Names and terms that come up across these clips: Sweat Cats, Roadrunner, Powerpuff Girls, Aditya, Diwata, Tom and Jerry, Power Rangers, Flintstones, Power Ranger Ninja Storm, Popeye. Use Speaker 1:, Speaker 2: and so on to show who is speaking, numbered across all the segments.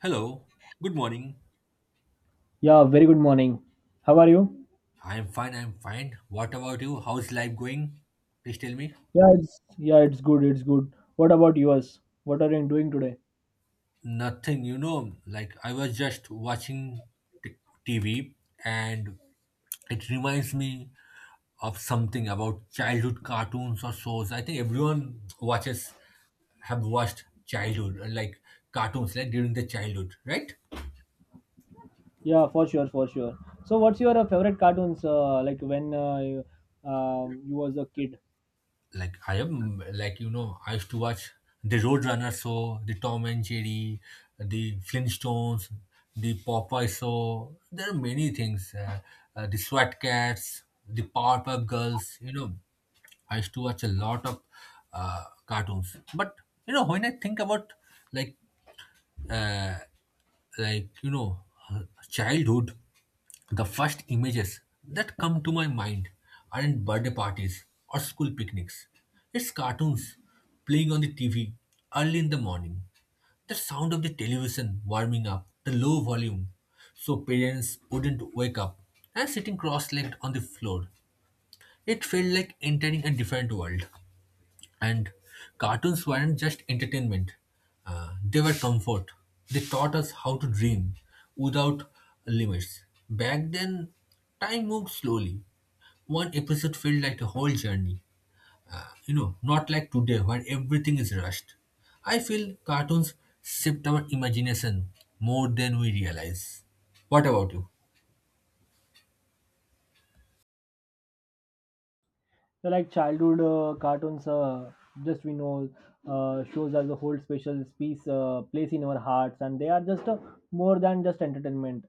Speaker 1: Hello, good morning.
Speaker 2: Yeah, very good morning. How are you?
Speaker 1: I'm fine, I'm fine. What about you? How's life going? Please tell me.
Speaker 2: Yeah, it's good. What about yours? What are you doing today?
Speaker 1: Nothing, like I was just watching t- TV, and it reminds me of something about childhood cartoons or shows. I think everyone have watched childhood, like cartoons, like during the childhood, right?
Speaker 2: Yeah, for sure. So, what's your favorite cartoons? Like when you was a kid,
Speaker 1: Like I am like you know I used to watch the Roadrunner show, the Tom and Jerry, the Flintstones, the Popeye show. There are many things. The Sweat Cats, the Powerpuff Girls. I used to watch a lot of cartoons. But when I think about like uh, like uh, childhood, the first images that come to my mind aren't birthday parties or school picnics, it's cartoons playing on the TV early in the morning, the sound of the television warming up, the low volume so parents wouldn't wake up, and sitting cross-legged on the floor. It felt like entering a different world. And cartoons weren't just entertainment, they were comfort. They taught us how to dream without limits. Back then, time moved slowly. One episode felt like a whole journey. Not like today where everything is rushed. I feel cartoons shift our imagination more than we realize. What about you?
Speaker 2: so like childhood cartoons. Just we know shows as a whole special piece place in our hearts, and they are just more than just entertainment.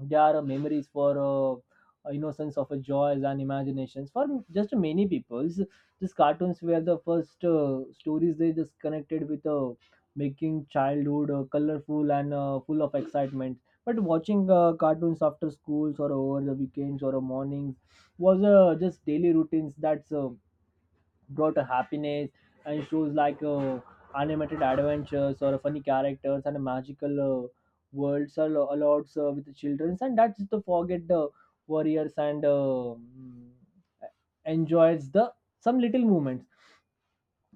Speaker 2: They are memories for innocence of joys and imaginations. For just many peoples, these cartoons were the first stories they just connected with, making childhood colorful and full of excitement. But watching cartoons after schools or over the weekends or mornings was just daily routines. That's brought a happiness, and shows like animated adventures or funny characters and magical worlds are allowed with the children and that's to forget the warriors and enjoys the some little moments,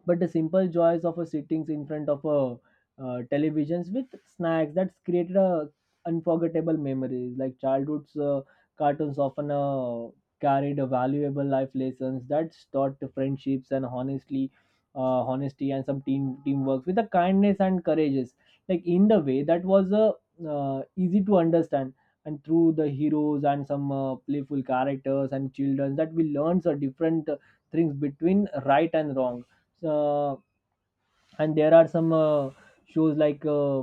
Speaker 2: but the simple joys of a sittings in front of a televisions with snacks that's created a unforgettable memories. Like childhood's cartoons often carried a valuable life lessons that's taught to friendships and honestly honesty and some teamwork with the kindness and courageous, like in the way that was easy to understand, and through the heroes and some playful characters and children, that we learn a different things between right and wrong. So, and there are some shows uh,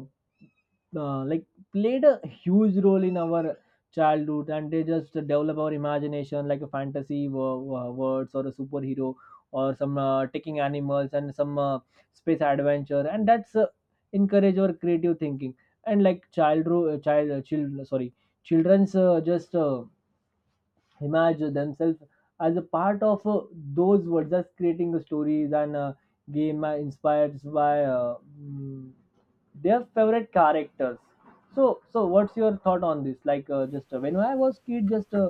Speaker 2: uh, like played a huge role in our childhood, and they just develop our imagination like a fantasy words or a superhero or some taking animals and some space adventure, and that's encourage our creative thinking. And like child, sorry, children's just imagine themselves as a part of those words, just creating the stories and game inspired by their favorite characters. So, so what's your thought on this? Like, just when I was kid, just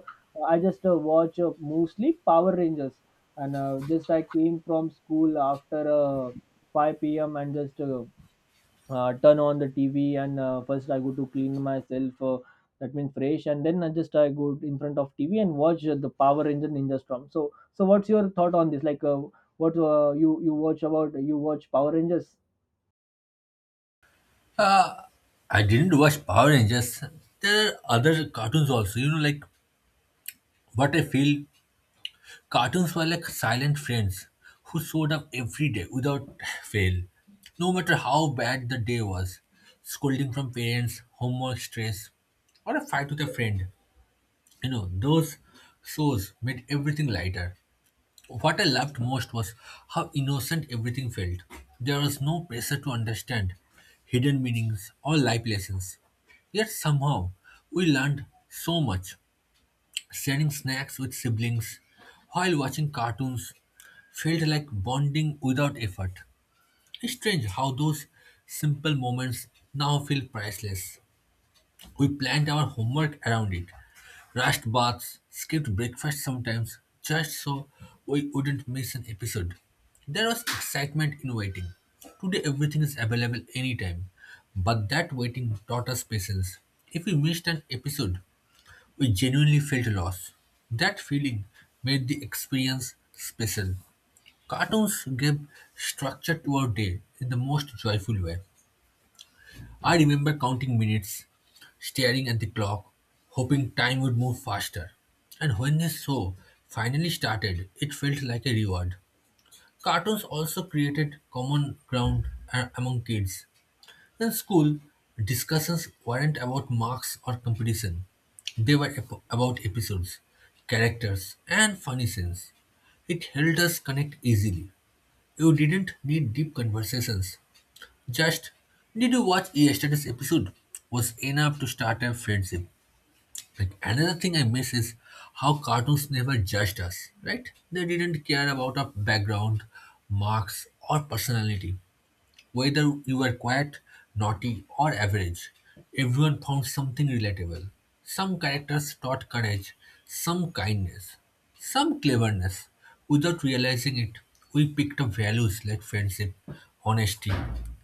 Speaker 2: I just watch mostly Power Rangers and just I came from school after 5 p.m. and just turn on the TV, and first I go to clean myself. That means fresh, and then I go in front of TV and watch the Power Ranger Ninja Storm. So, so what's your thought on this? Like, what you watch? Power Rangers?
Speaker 1: Uh, I didn't watch Power Rangers. There are other cartoons also, you know, like what I feel. Cartoons were like silent friends who showed up every day without fail, no matter how bad the day was. Scolding from parents, homework stress, or a fight with a friend. You know, those shows made everything lighter. What I loved most was how innocent everything felt. There was no pressure to understand hidden meanings or life lessons. Yet somehow we learned so much. Sharing snacks with siblings while watching cartoons felt like bonding without effort. It's strange how those simple moments now feel priceless. We planned our homework around it, rushed baths, skipped breakfast sometimes, just so we wouldn't miss an episode. There was excitement in waiting. Today everything is available anytime, but that waiting taught us patience. If we missed an episode, we genuinely felt loss. That feeling made the experience special. Cartoons gave structure to our day in the most joyful way. I remember counting minutes, staring at the clock, hoping time would move faster. And when the show finally started, it felt like a reward. Cartoons also created common ground among kids. In school, discussions weren't about marks or competition. They were about episodes, characters, and funny scenes. It helped us connect easily. You didn't need deep conversations. Just, "Did you watch yesterday's episode?" was enough to start a friendship. Like another thing I miss is how cartoons never judged us, right? They didn't care about our background, marks, or personality. Whether you were quiet, naughty, or average, everyone found something relatable. Some characters taught courage, some kindness, some cleverness. Without realizing it, we picked up values like friendship, honesty,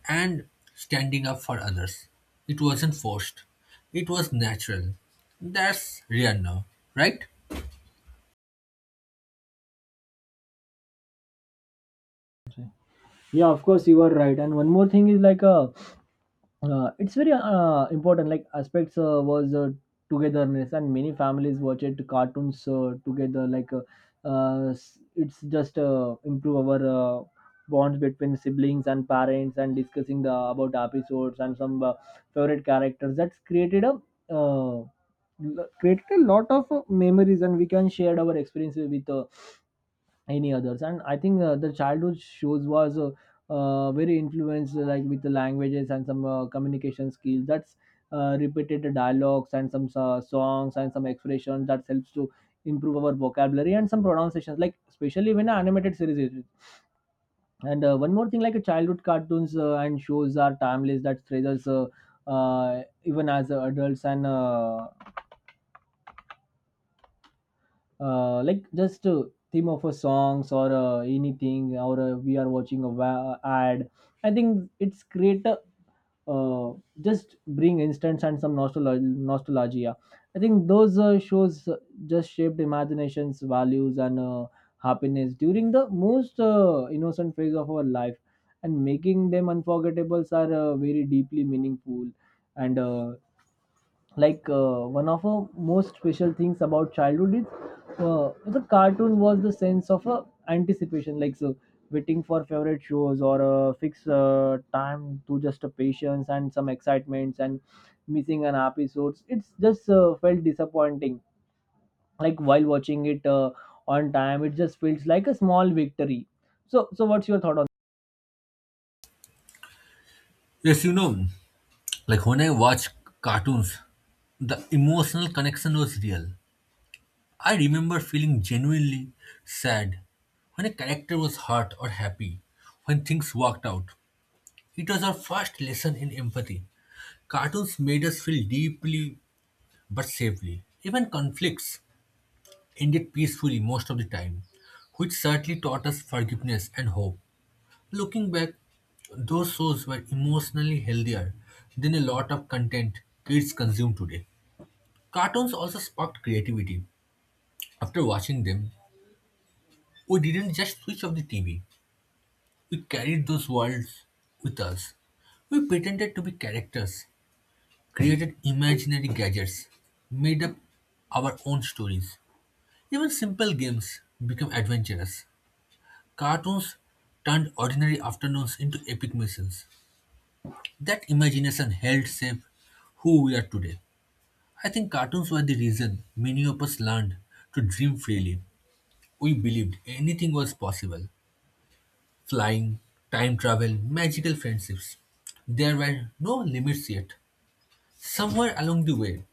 Speaker 1: and standing up for others. It wasn't forced, it was natural. That's rare now, right?
Speaker 2: Yeah, of course you are right. And one more thing is, like it's very important, like aspects was togetherness, and many families watch it cartoons together, like it's just improve our bonds between siblings and parents, and discussing the about episodes and some favorite characters, that's created a uh, created a lot of memories, and we can share our experiences with any others. And I think the childhood shows was very influenced like with the languages and some communication skills, that's repeated dialogues and some songs and some expressions that helps to improve our vocabulary and some pronunciations, like especially when an animated series is. And one more thing, like a childhood cartoons and shows are timeless that treasures, even as adults, and like just a theme of a songs or anything, or we are watching a ad, I think it's create a uh, just bring instance and some nostalgia. I think those shows just shaped imaginations, values, and happiness during the most innocent phase of our life, and making them unforgettables are very deeply meaningful. And like one of the most special things about childhood is the cartoon was the sense of anticipation, like so waiting for favorite shows or a fixed time to just a patience and some excitements, and missing an episodes, it's just felt disappointing, like while watching it on time, it just feels like a small victory. So, so what's your thought on
Speaker 1: Yes, you know, like when I watch cartoons, the emotional connection was real. I remember feeling genuinely sad when a character was hurt, or happy when things worked out. It was our first lesson in empathy. Cartoons made us feel deeply but safely. Even conflicts ended peacefully most of the time, which certainly taught us forgiveness and hope. Looking back, those shows were emotionally healthier than a lot of content kids consume today. Cartoons also sparked creativity. After watching them, we didn't just switch off the TV. We carried those worlds with us. We pretended to be characters, created imaginary gadgets, made up our own stories. Even simple games became adventurous. Cartoons turned ordinary afternoons into epic missions. That imagination held safe who we are today. I think cartoons were the reason many of us learned to dream freely. We believed anything was possible: flying, time travel, magical friendships. There were no limits yet. Somewhere along the way,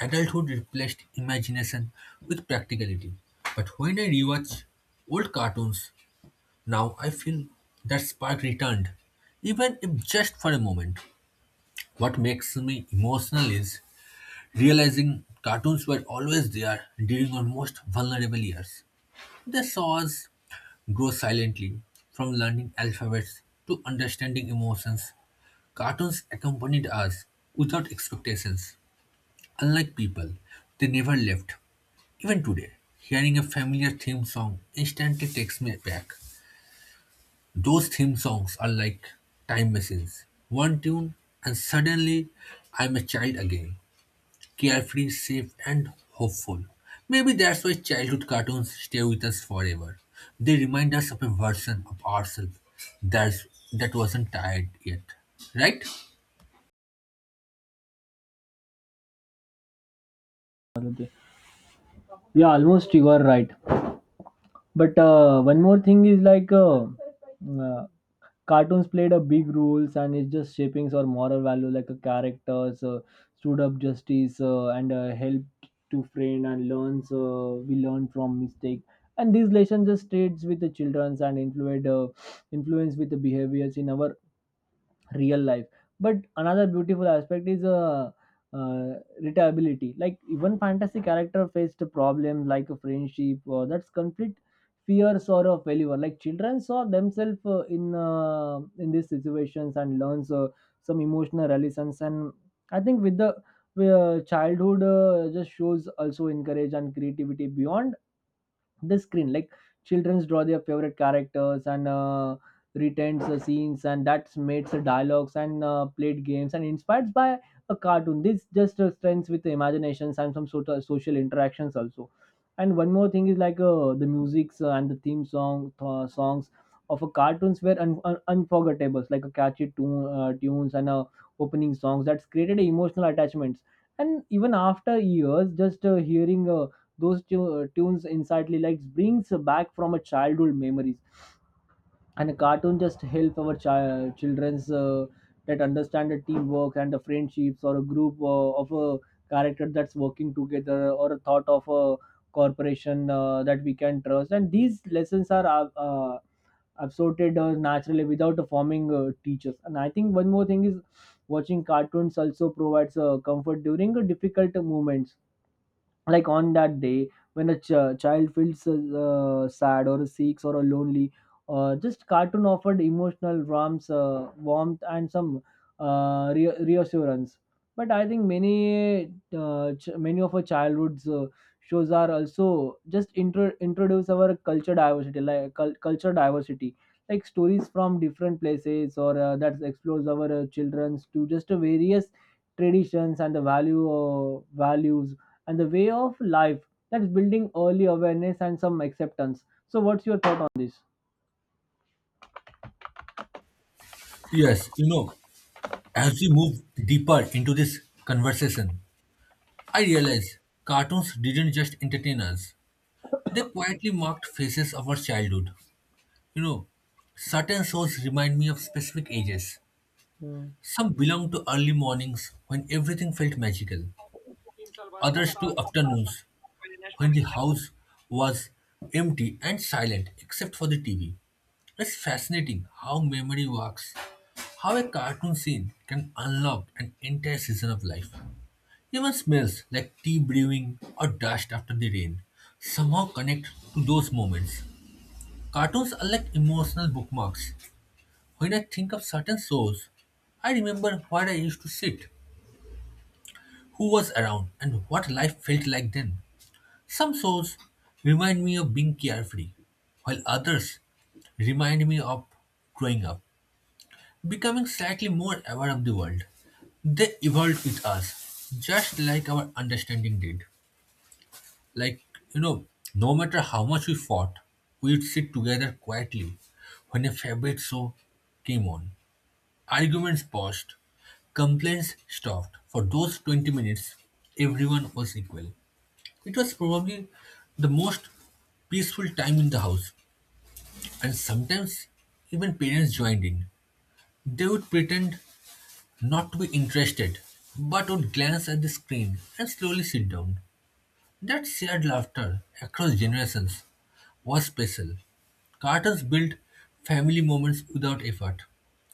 Speaker 1: adulthood replaced imagination with practicality. But when I rewatch old cartoons now, I feel that spark returned, even if just for a moment. What makes me emotional is realizing cartoons were always there during our most vulnerable years. They saw us grow silently, from learning alphabets to understanding emotions. Cartoons accompanied us without expectations. Unlike people, they never left. Even today, hearing a familiar theme song instantly takes me back. Those theme songs are like time machines. One tune, and suddenly I'm a child again, carefree, safe, and hopeful. Maybe that's why childhood cartoons stay with us forever. They remind us of a version of ourselves that's, that wasn't tired yet. Right?
Speaker 2: that, Aditya? Yeah, almost you are right. But one more thing is like uh, cartoons played a big roles, and it's just shaping our moral value, like a characters stood up justice and helped to friend and learns we learn from mistake, and these lessons just stays with the children and influence with the behaviors in our real life. But another beautiful aspect is uh relatability, like even fantasy character faced problems like a friendship or that's conflict, fears or a failure. Like children saw themselves in these situations and learns some emotional lessons. And I think with the childhood just shows also encourage and creativity beyond the screen, like childrens draw their favorite characters and retains the scenes, and that's made the dialogues and played games and inspired by a cartoon. This just strengths with the imaginations and some sort of social interactions also. And one more thing is like the musics and the theme songs of a cartoons were unforgettable, like a catchy tunes and opening songs that's created emotional attachments, and even after years, just hearing those tunes instantly like brings back from a childhood memories. And a cartoon just help our children's that understand the teamwork and the friendships, or a group of a character that's working together, or a thought of a corporation that we can trust. And these lessons are absorbed naturally without forming teachers. And I think one more thing is watching cartoons also provides comfort during difficult moments, like on that day when a child feels sad or sick or lonely, just cartoon offered emotional warmth and some reassurance. But I think many many of our childhood's shows are also just introduce our culture diversity, like culture diversity, like stories from different places, or that explores our children's to just various traditions and the values and the way of life, that's building early awareness and some acceptance. So, what's your thought on this?
Speaker 1: Yes, you know, as we move deeper into this conversation, I realize cartoons didn't just entertain us, they quietly marked phases of our childhood. You know, certain shows remind me of specific ages.
Speaker 2: Hmm.
Speaker 1: Some belong to early mornings when everything felt magical, others two afternoons when the house was empty and silent except for the TV. It's fascinating how memory works, how a cartoon scene can unlock an entire season of life. Even smells like tea brewing or dust after the rain somehow connect to those moments. Cartoons are like emotional bookmarks. When I think of certain shows, I remember where I used to sit, who was around, and what life felt like then. Some shows remind me of being carefree, while others remind me of growing up, becoming slightly more aware of the world. They evolved with us, just like our understanding did. Like, you know, no matter how much we fought, we would sit together quietly when a favorite show came on. Arguments paused, complaints stopped. For those 20 minutes, everyone was equal. It was probably the most peaceful time in the house, and sometimes even parents joined in. They would pretend not to be interested, but would glance at the screen and slowly sit down. That shared laughter across generations was special. Cartoons built family moments without effort.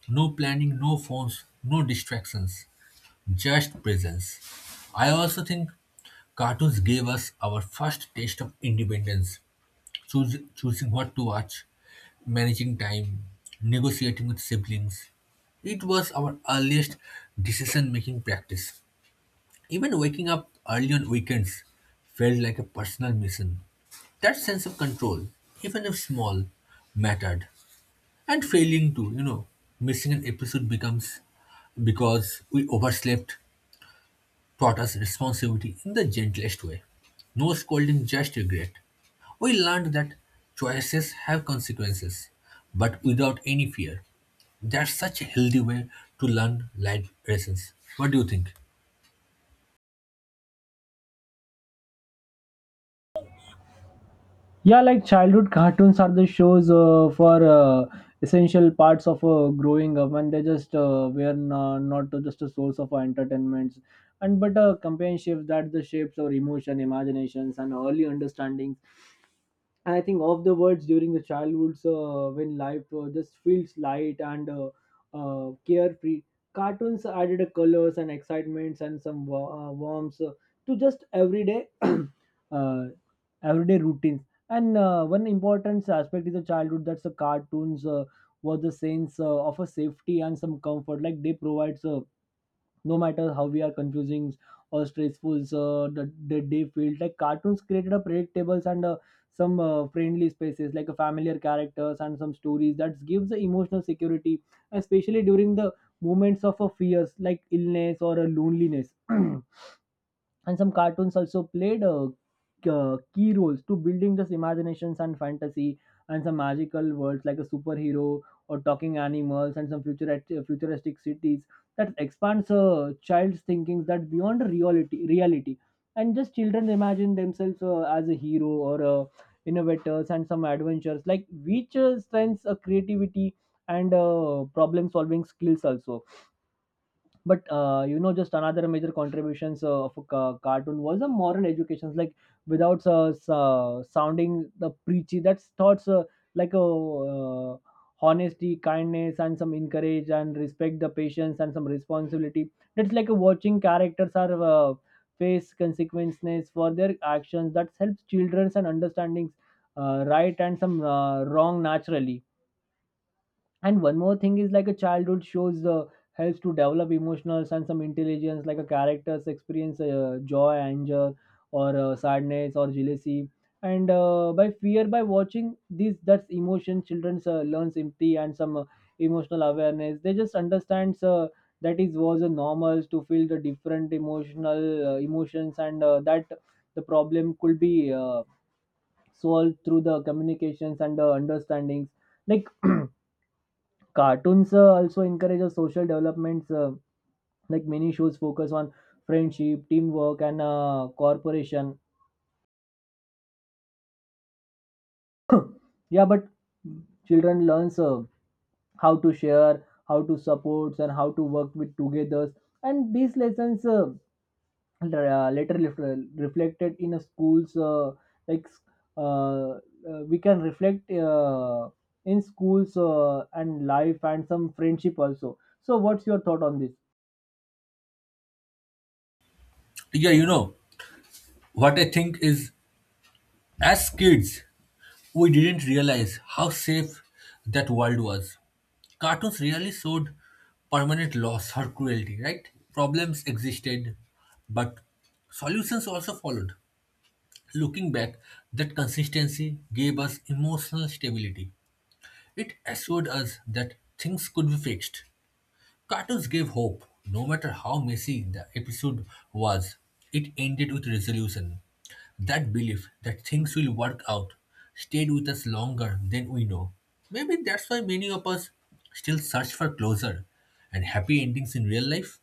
Speaker 1: No planning, no phones, no distractions, just presence. I also think cartoons gave us our first taste of independence. Choosing what to watch, managing time, negotiating with siblings. It was our earliest decision making practice. Even waking up early on weekends felt like a personal mission. That sense of control, even if small, mattered. And failing to, missing an episode becomes because we overslept taught us responsibility in the gentlest way. No scolding, just regret. We learned that choices have consequences, but without any fear. That's such a healthy way to learn life lessons. What do you think?
Speaker 2: Yeah, like childhood cartoons are the shows for essential parts of growing up, and they just were not just a source of our entertainments and, but a companionship that the shapes our emotion imaginations and early understanding. And I think of the words during the childhoods, when life just feels light and carefree. Cartoons added a colors and excitements and some warmth to just everyday everyday routines. And one important aspect is the childhood, that's the cartoons was the sense of a safety and some comfort. Like they provides, no matter how we are confusing or stressful, so the day felt like cartoons created a predictables and some friendly spaces, like a familiar characters and some stories that gives the emotional security, especially during the moments of a fears like illness or a loneliness. And some cartoons also played key roles to building this imaginations and fantasy and some magical worlds, like a superhero or talking animals and some futuristic cities, that expands a child's thinking that beyond reality. And just children imagine themselves as a hero or a innovators and some adventures, like which strengths creativity and problem solving skills also. But you know, just another major contributions of a cartoon was the moral educations. Like without sounding the preachy, that's thoughts like a uh, honesty, kindness, and some encourage and respect, the patience and some responsibility, that's like a watching characters are face consequences for their actions, that helps children and understandings right and some wrong naturally. And one more thing is like a childhood shows helps to develop emotional and some intelligence, like a characters experience joy, anger, or sadness, or jealousy. And by fear, by watching these, that's emotion. Children learns empathy and some emotional awareness. They just understands that is was a normal to feel the different emotional emotions, and that the problem could be solved through the communications and the understandings. Like cartoons also encourage a social developments, like many shows focus on friendship, teamwork, and cooperation. Yeah, but children learns how to share, how to support, and how to work with together. And these lessons reflected in a schools, like uh, uh, we can reflect in schools and life and some friendship also. So, what's your thought on this?
Speaker 1: Yeah, you know, what I think is as kids, we didn't realize how safe that world was. Cartoons really showed permanent loss or cruelty, right? Problems existed, but solutions also followed. Looking back, that consistency gave us emotional stability. It assured us that things could be fixed. Cartoons gave hope. No matter how messy the episode was, it ended with resolution. That belief that things will work out stayed with us longer than we know. Maybe that's why many of us still search for closure and happy endings in real life.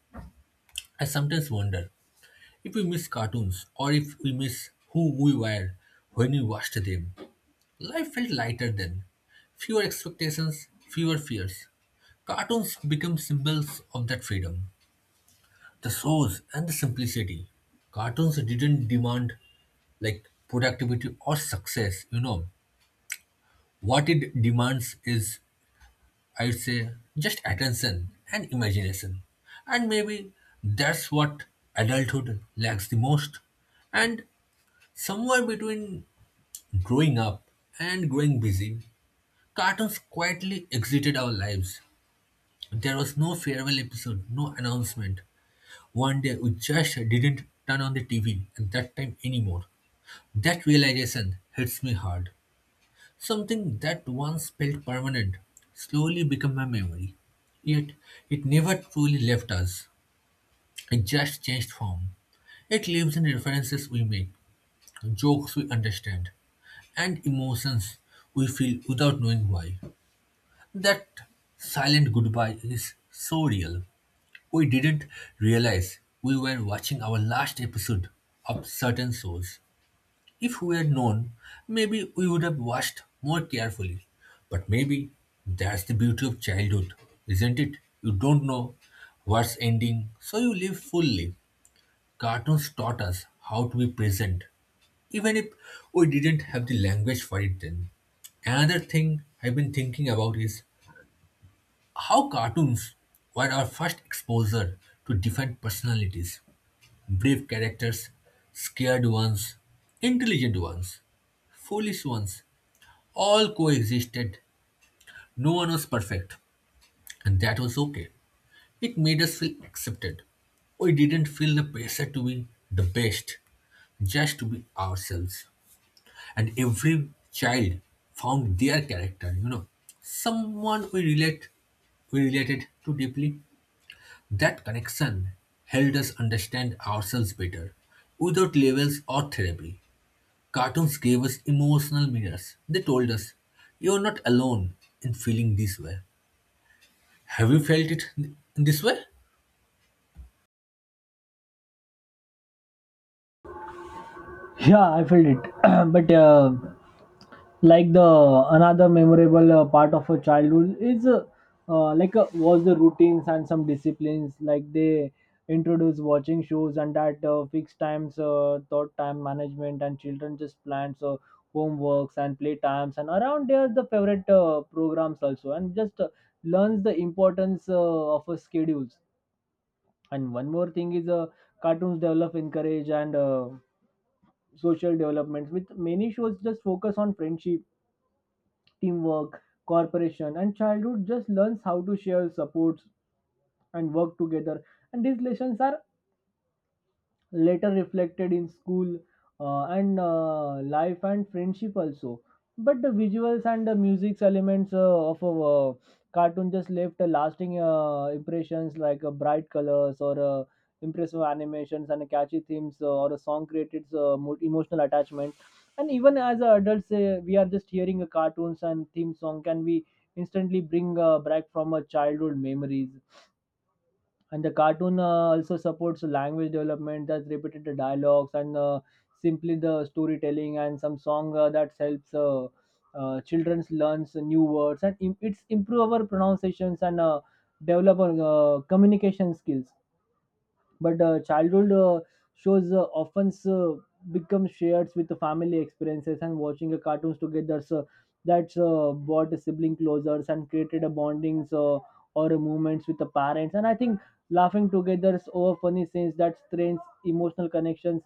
Speaker 1: I sometimes wonder if we miss cartoons or if we miss who we were when we watched them. Life felt lighter then. Fewer expectations, fewer fears. Cartoons became symbols of that freedom, the source and the simplicity. Cartoons didn't demand like productivity or success, you know. What it demands is, I'd say, just attention and imagination. And maybe that's what adulthood lacks the most. And somewhere between growing up and growing busy, cartoons quietly exited our lives. There was no farewell episode, no announcement. One day we just didn't turn on the TV at that time anymore. That realization hits me hard. Something that once felt permanent slowly became a memory. Yet it never truly left us. It just changed form. It lives in references we make, jokes we understand, and emotions we feel without knowing why. That silent goodbye is so real. We didn't realize we were watching our last episode of certain shows. If we had known, maybe we would have watched more carefully. But maybe that's the beauty of childhood, isn't it? You don't know what's ending, so you live fully. Cartoons taught us how to be present, even if we didn't have the language for it then. Another thing I've been thinking about is how cartoons were our first exposure to different personalities: brave characters, scared ones, intelligent ones, foolish ones, all coexisted. No one was perfect, and that was okay. It made us feel accepted. We didn't feel the pressure to be the best, just to be ourselves. And every child found their character, you know, someone we related to deeply. That connection helped us understand ourselves better. Without labels or therapy, cartoons gave us emotional mirrors. They told us, "You're not alone in feeling this way." Have you felt it in this way?
Speaker 2: Yeah, I felt it. But like the another memorable part of a childhood is was the routines and some disciplines. Like they introduce watching shows and at fixed times, thought time management, and children just plans homeworks and play times and around there the favorite programs also and just learns the importance of a schedules. And one more thing is cartoons develop encourage and. Social developments with many shows just focus on friendship teamwork cooperation and childhood just learns how to share supports and work together and these lessons are later reflected in school and life and friendship also. But the visuals and the music elements of a cartoon just left a lasting impressions like bright colors or impressive animations and catchy themes or a song created emotional attachment, and even as a adults, we are just hearing a cartoons and theme song can we instantly bring back from a childhood memories. And the cartoon also supports language development that repeated the dialogues and simply the storytelling and some song that helps, children learns new words and it's improve our pronunciations and develop our communication skills. But childhood shows often become shared with the family experiences and watching a cartoons together, so that's brought a sibling closer and created a bondings or a moments with the parents, and I think laughing together is over funny scenes that strengthens emotional connections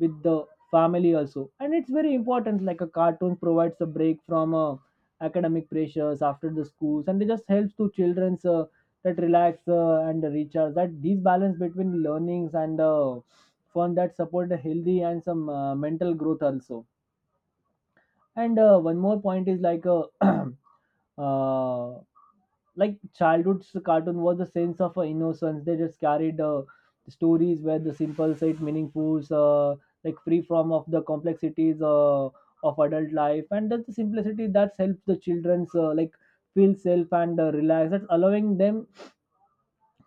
Speaker 2: with the family also. And it's very important, like a cartoon provides a break from academic pressures after the schools, and it just helps to children's that relax and recharge that these balance between learnings and fun that support a healthy and some mental growth also. And one more point is like uh, like childhood's cartoon was the sense of innocence. They just carried stories where the simple said meaningful, like free from of the complexities of adult life, and that's the simplicity that helps the children's, like feel safe and relaxed, that's allowing them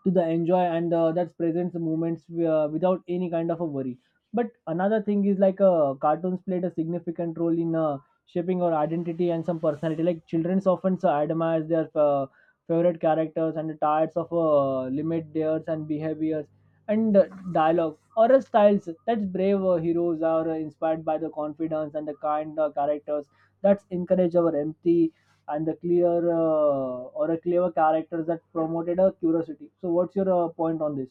Speaker 2: to the enjoy and that presents the moments without any kind of a worry. But another thing is like cartoons played a significant role in shaping our identity and some personality, like children's often admire their favorite characters and types of limit theirs and behaviors and dialogue or styles. That's brave heroes are inspired by the confidence and the kind characters that's encourage our empathy, and the clear or a clever characters that promoted a curiosity. So what's your point on this?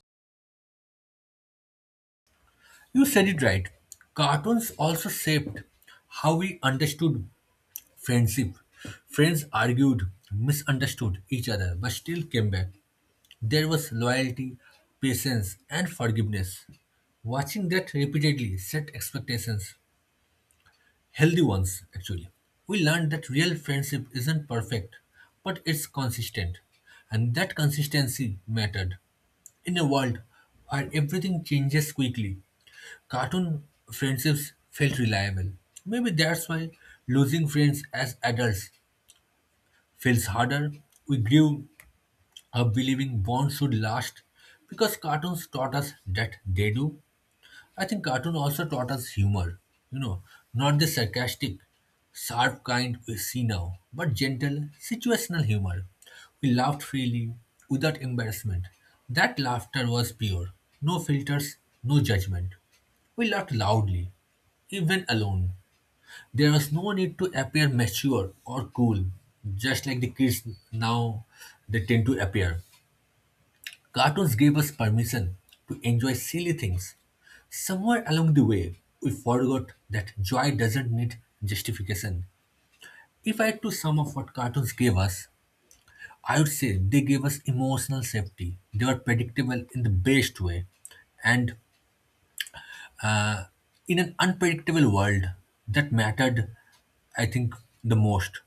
Speaker 1: You said it right. Cartoons also shaped how we understood friendship. Friends argued, misunderstood each other, but still came back. There was loyalty, patience, and forgiveness. Watching that repeatedly set expectations, healthy ones actually. We learned that real friendship isn't perfect, but it's consistent, and that consistency mattered. In a world where everything changes quickly, cartoon friendships felt reliable. Maybe that's why losing friends as adults feels harder. We grew up believing bonds should last because cartoons taught us that they do. I think cartoon also taught us humor, you know, not the sarcastic, sharp kind we see now, but gentle, situational humor. We laughed freely, without embarrassment. That laughter was pure, no filters, no judgment. We laughed loudly, even alone. There was no need to appear mature or cool, just like the kids now they tend to appear. Cartoons gave us permission to enjoy silly things. Somewhere along the way, we forgot that joy doesn't need justification. If I had to sum up what cartoons gave us, I would say they gave us emotional safety. They were predictable in the best way. And uh, in an unpredictable world, that mattered, I think, the most.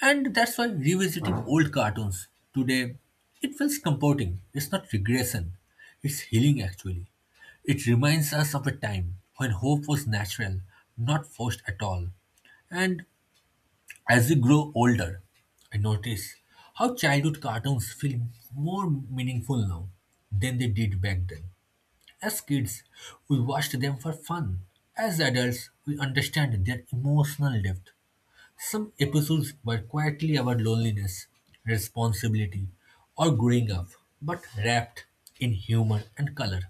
Speaker 1: And that's why revisiting old cartoons today, it feels comforting. It's not regression, it's healing actually. It reminds us of a time when hope was natural, not forced at all. And as we grow older, I notice how childhood cartoons feel more meaningful now than they did back then. As kids, we watched them for fun. As adults, we understand their emotional depth. Some episodes were quietly about loneliness, responsibility, or growing up, but wrapped in humor and color.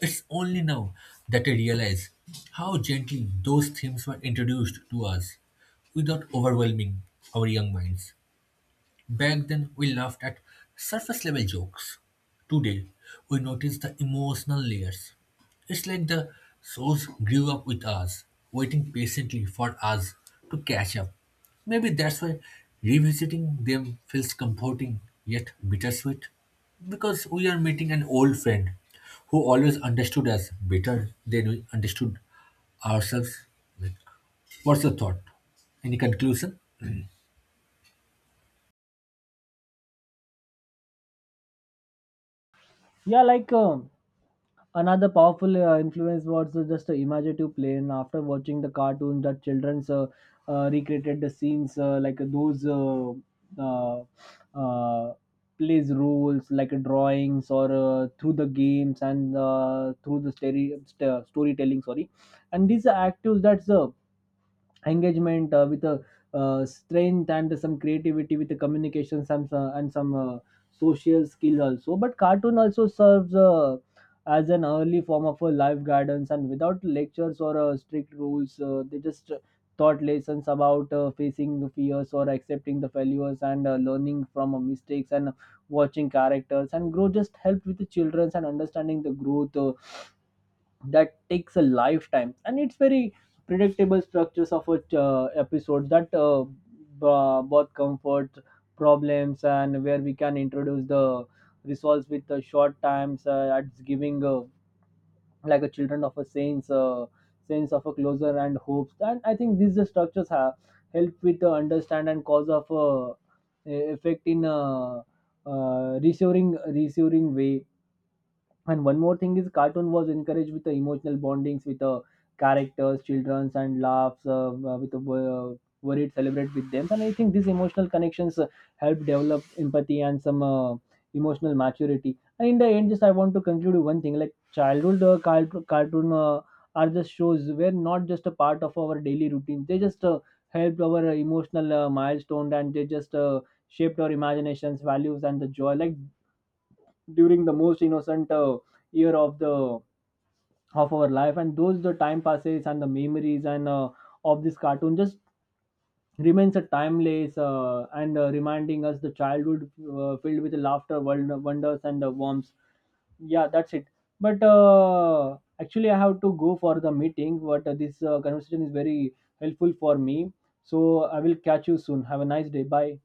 Speaker 1: It's only now that I realize how gently those themes were introduced to us without overwhelming our young minds. Back then, we laughed at surface level jokes. Today, we notice the emotional layers. It's like the souls grew up with us, waiting patiently for us to catch up. Maybe that's why revisiting them feels comforting yet bittersweet. Because we are meeting an old friend who always understood us better than we understood ourselves. What's your thought? Any conclusion?
Speaker 2: Yeah, another powerful influence was just imaginative play, and after watching the cartoon that children's recreated the scenes like those uh, uh, plays rules like drawings or through the games and through the storytelling, sorry. And these are actors that's engagement with a strength and some creativity with the communication some and some social skills also. But cartoon also serves as an early form of a life guidance, and without lectures or strict rules, they just taught lessons about facing the fears or accepting the failures and learning from mistakes. And watching characters and growth just helped with the children and understanding the growth that takes a lifetime. And it's very predictable structures of a episodes that both comfort problems and where we can introduce the resolves with the short times at giving, like a children of a sense, sense of a closer and hopes. And I think these the structures have help with the understand and cause of effect in reassuring way. And one more thing is cartoon was encouraged with the emotional bondings with the characters childrens and laughs with the worried celebrate with them. And I think these emotional connections help develop empathy and some emotional maturity. And in the end, just I want to conclude with one thing, like childhood cartoon are just shows were not just a part of our daily routine. They just helped our emotional milestone, and they just shaped our imaginations values and the joy, like during the most innocent year of the of our life. And those the time passes, and the memories and of this cartoon just remains a timeless and reminding us the childhood filled with laughter wonders and warmth. Yeah, that's it. But actually, I have to go for the meeting, but this conversation is very helpful for me, so I will catch you soon. Have a nice day. Bye.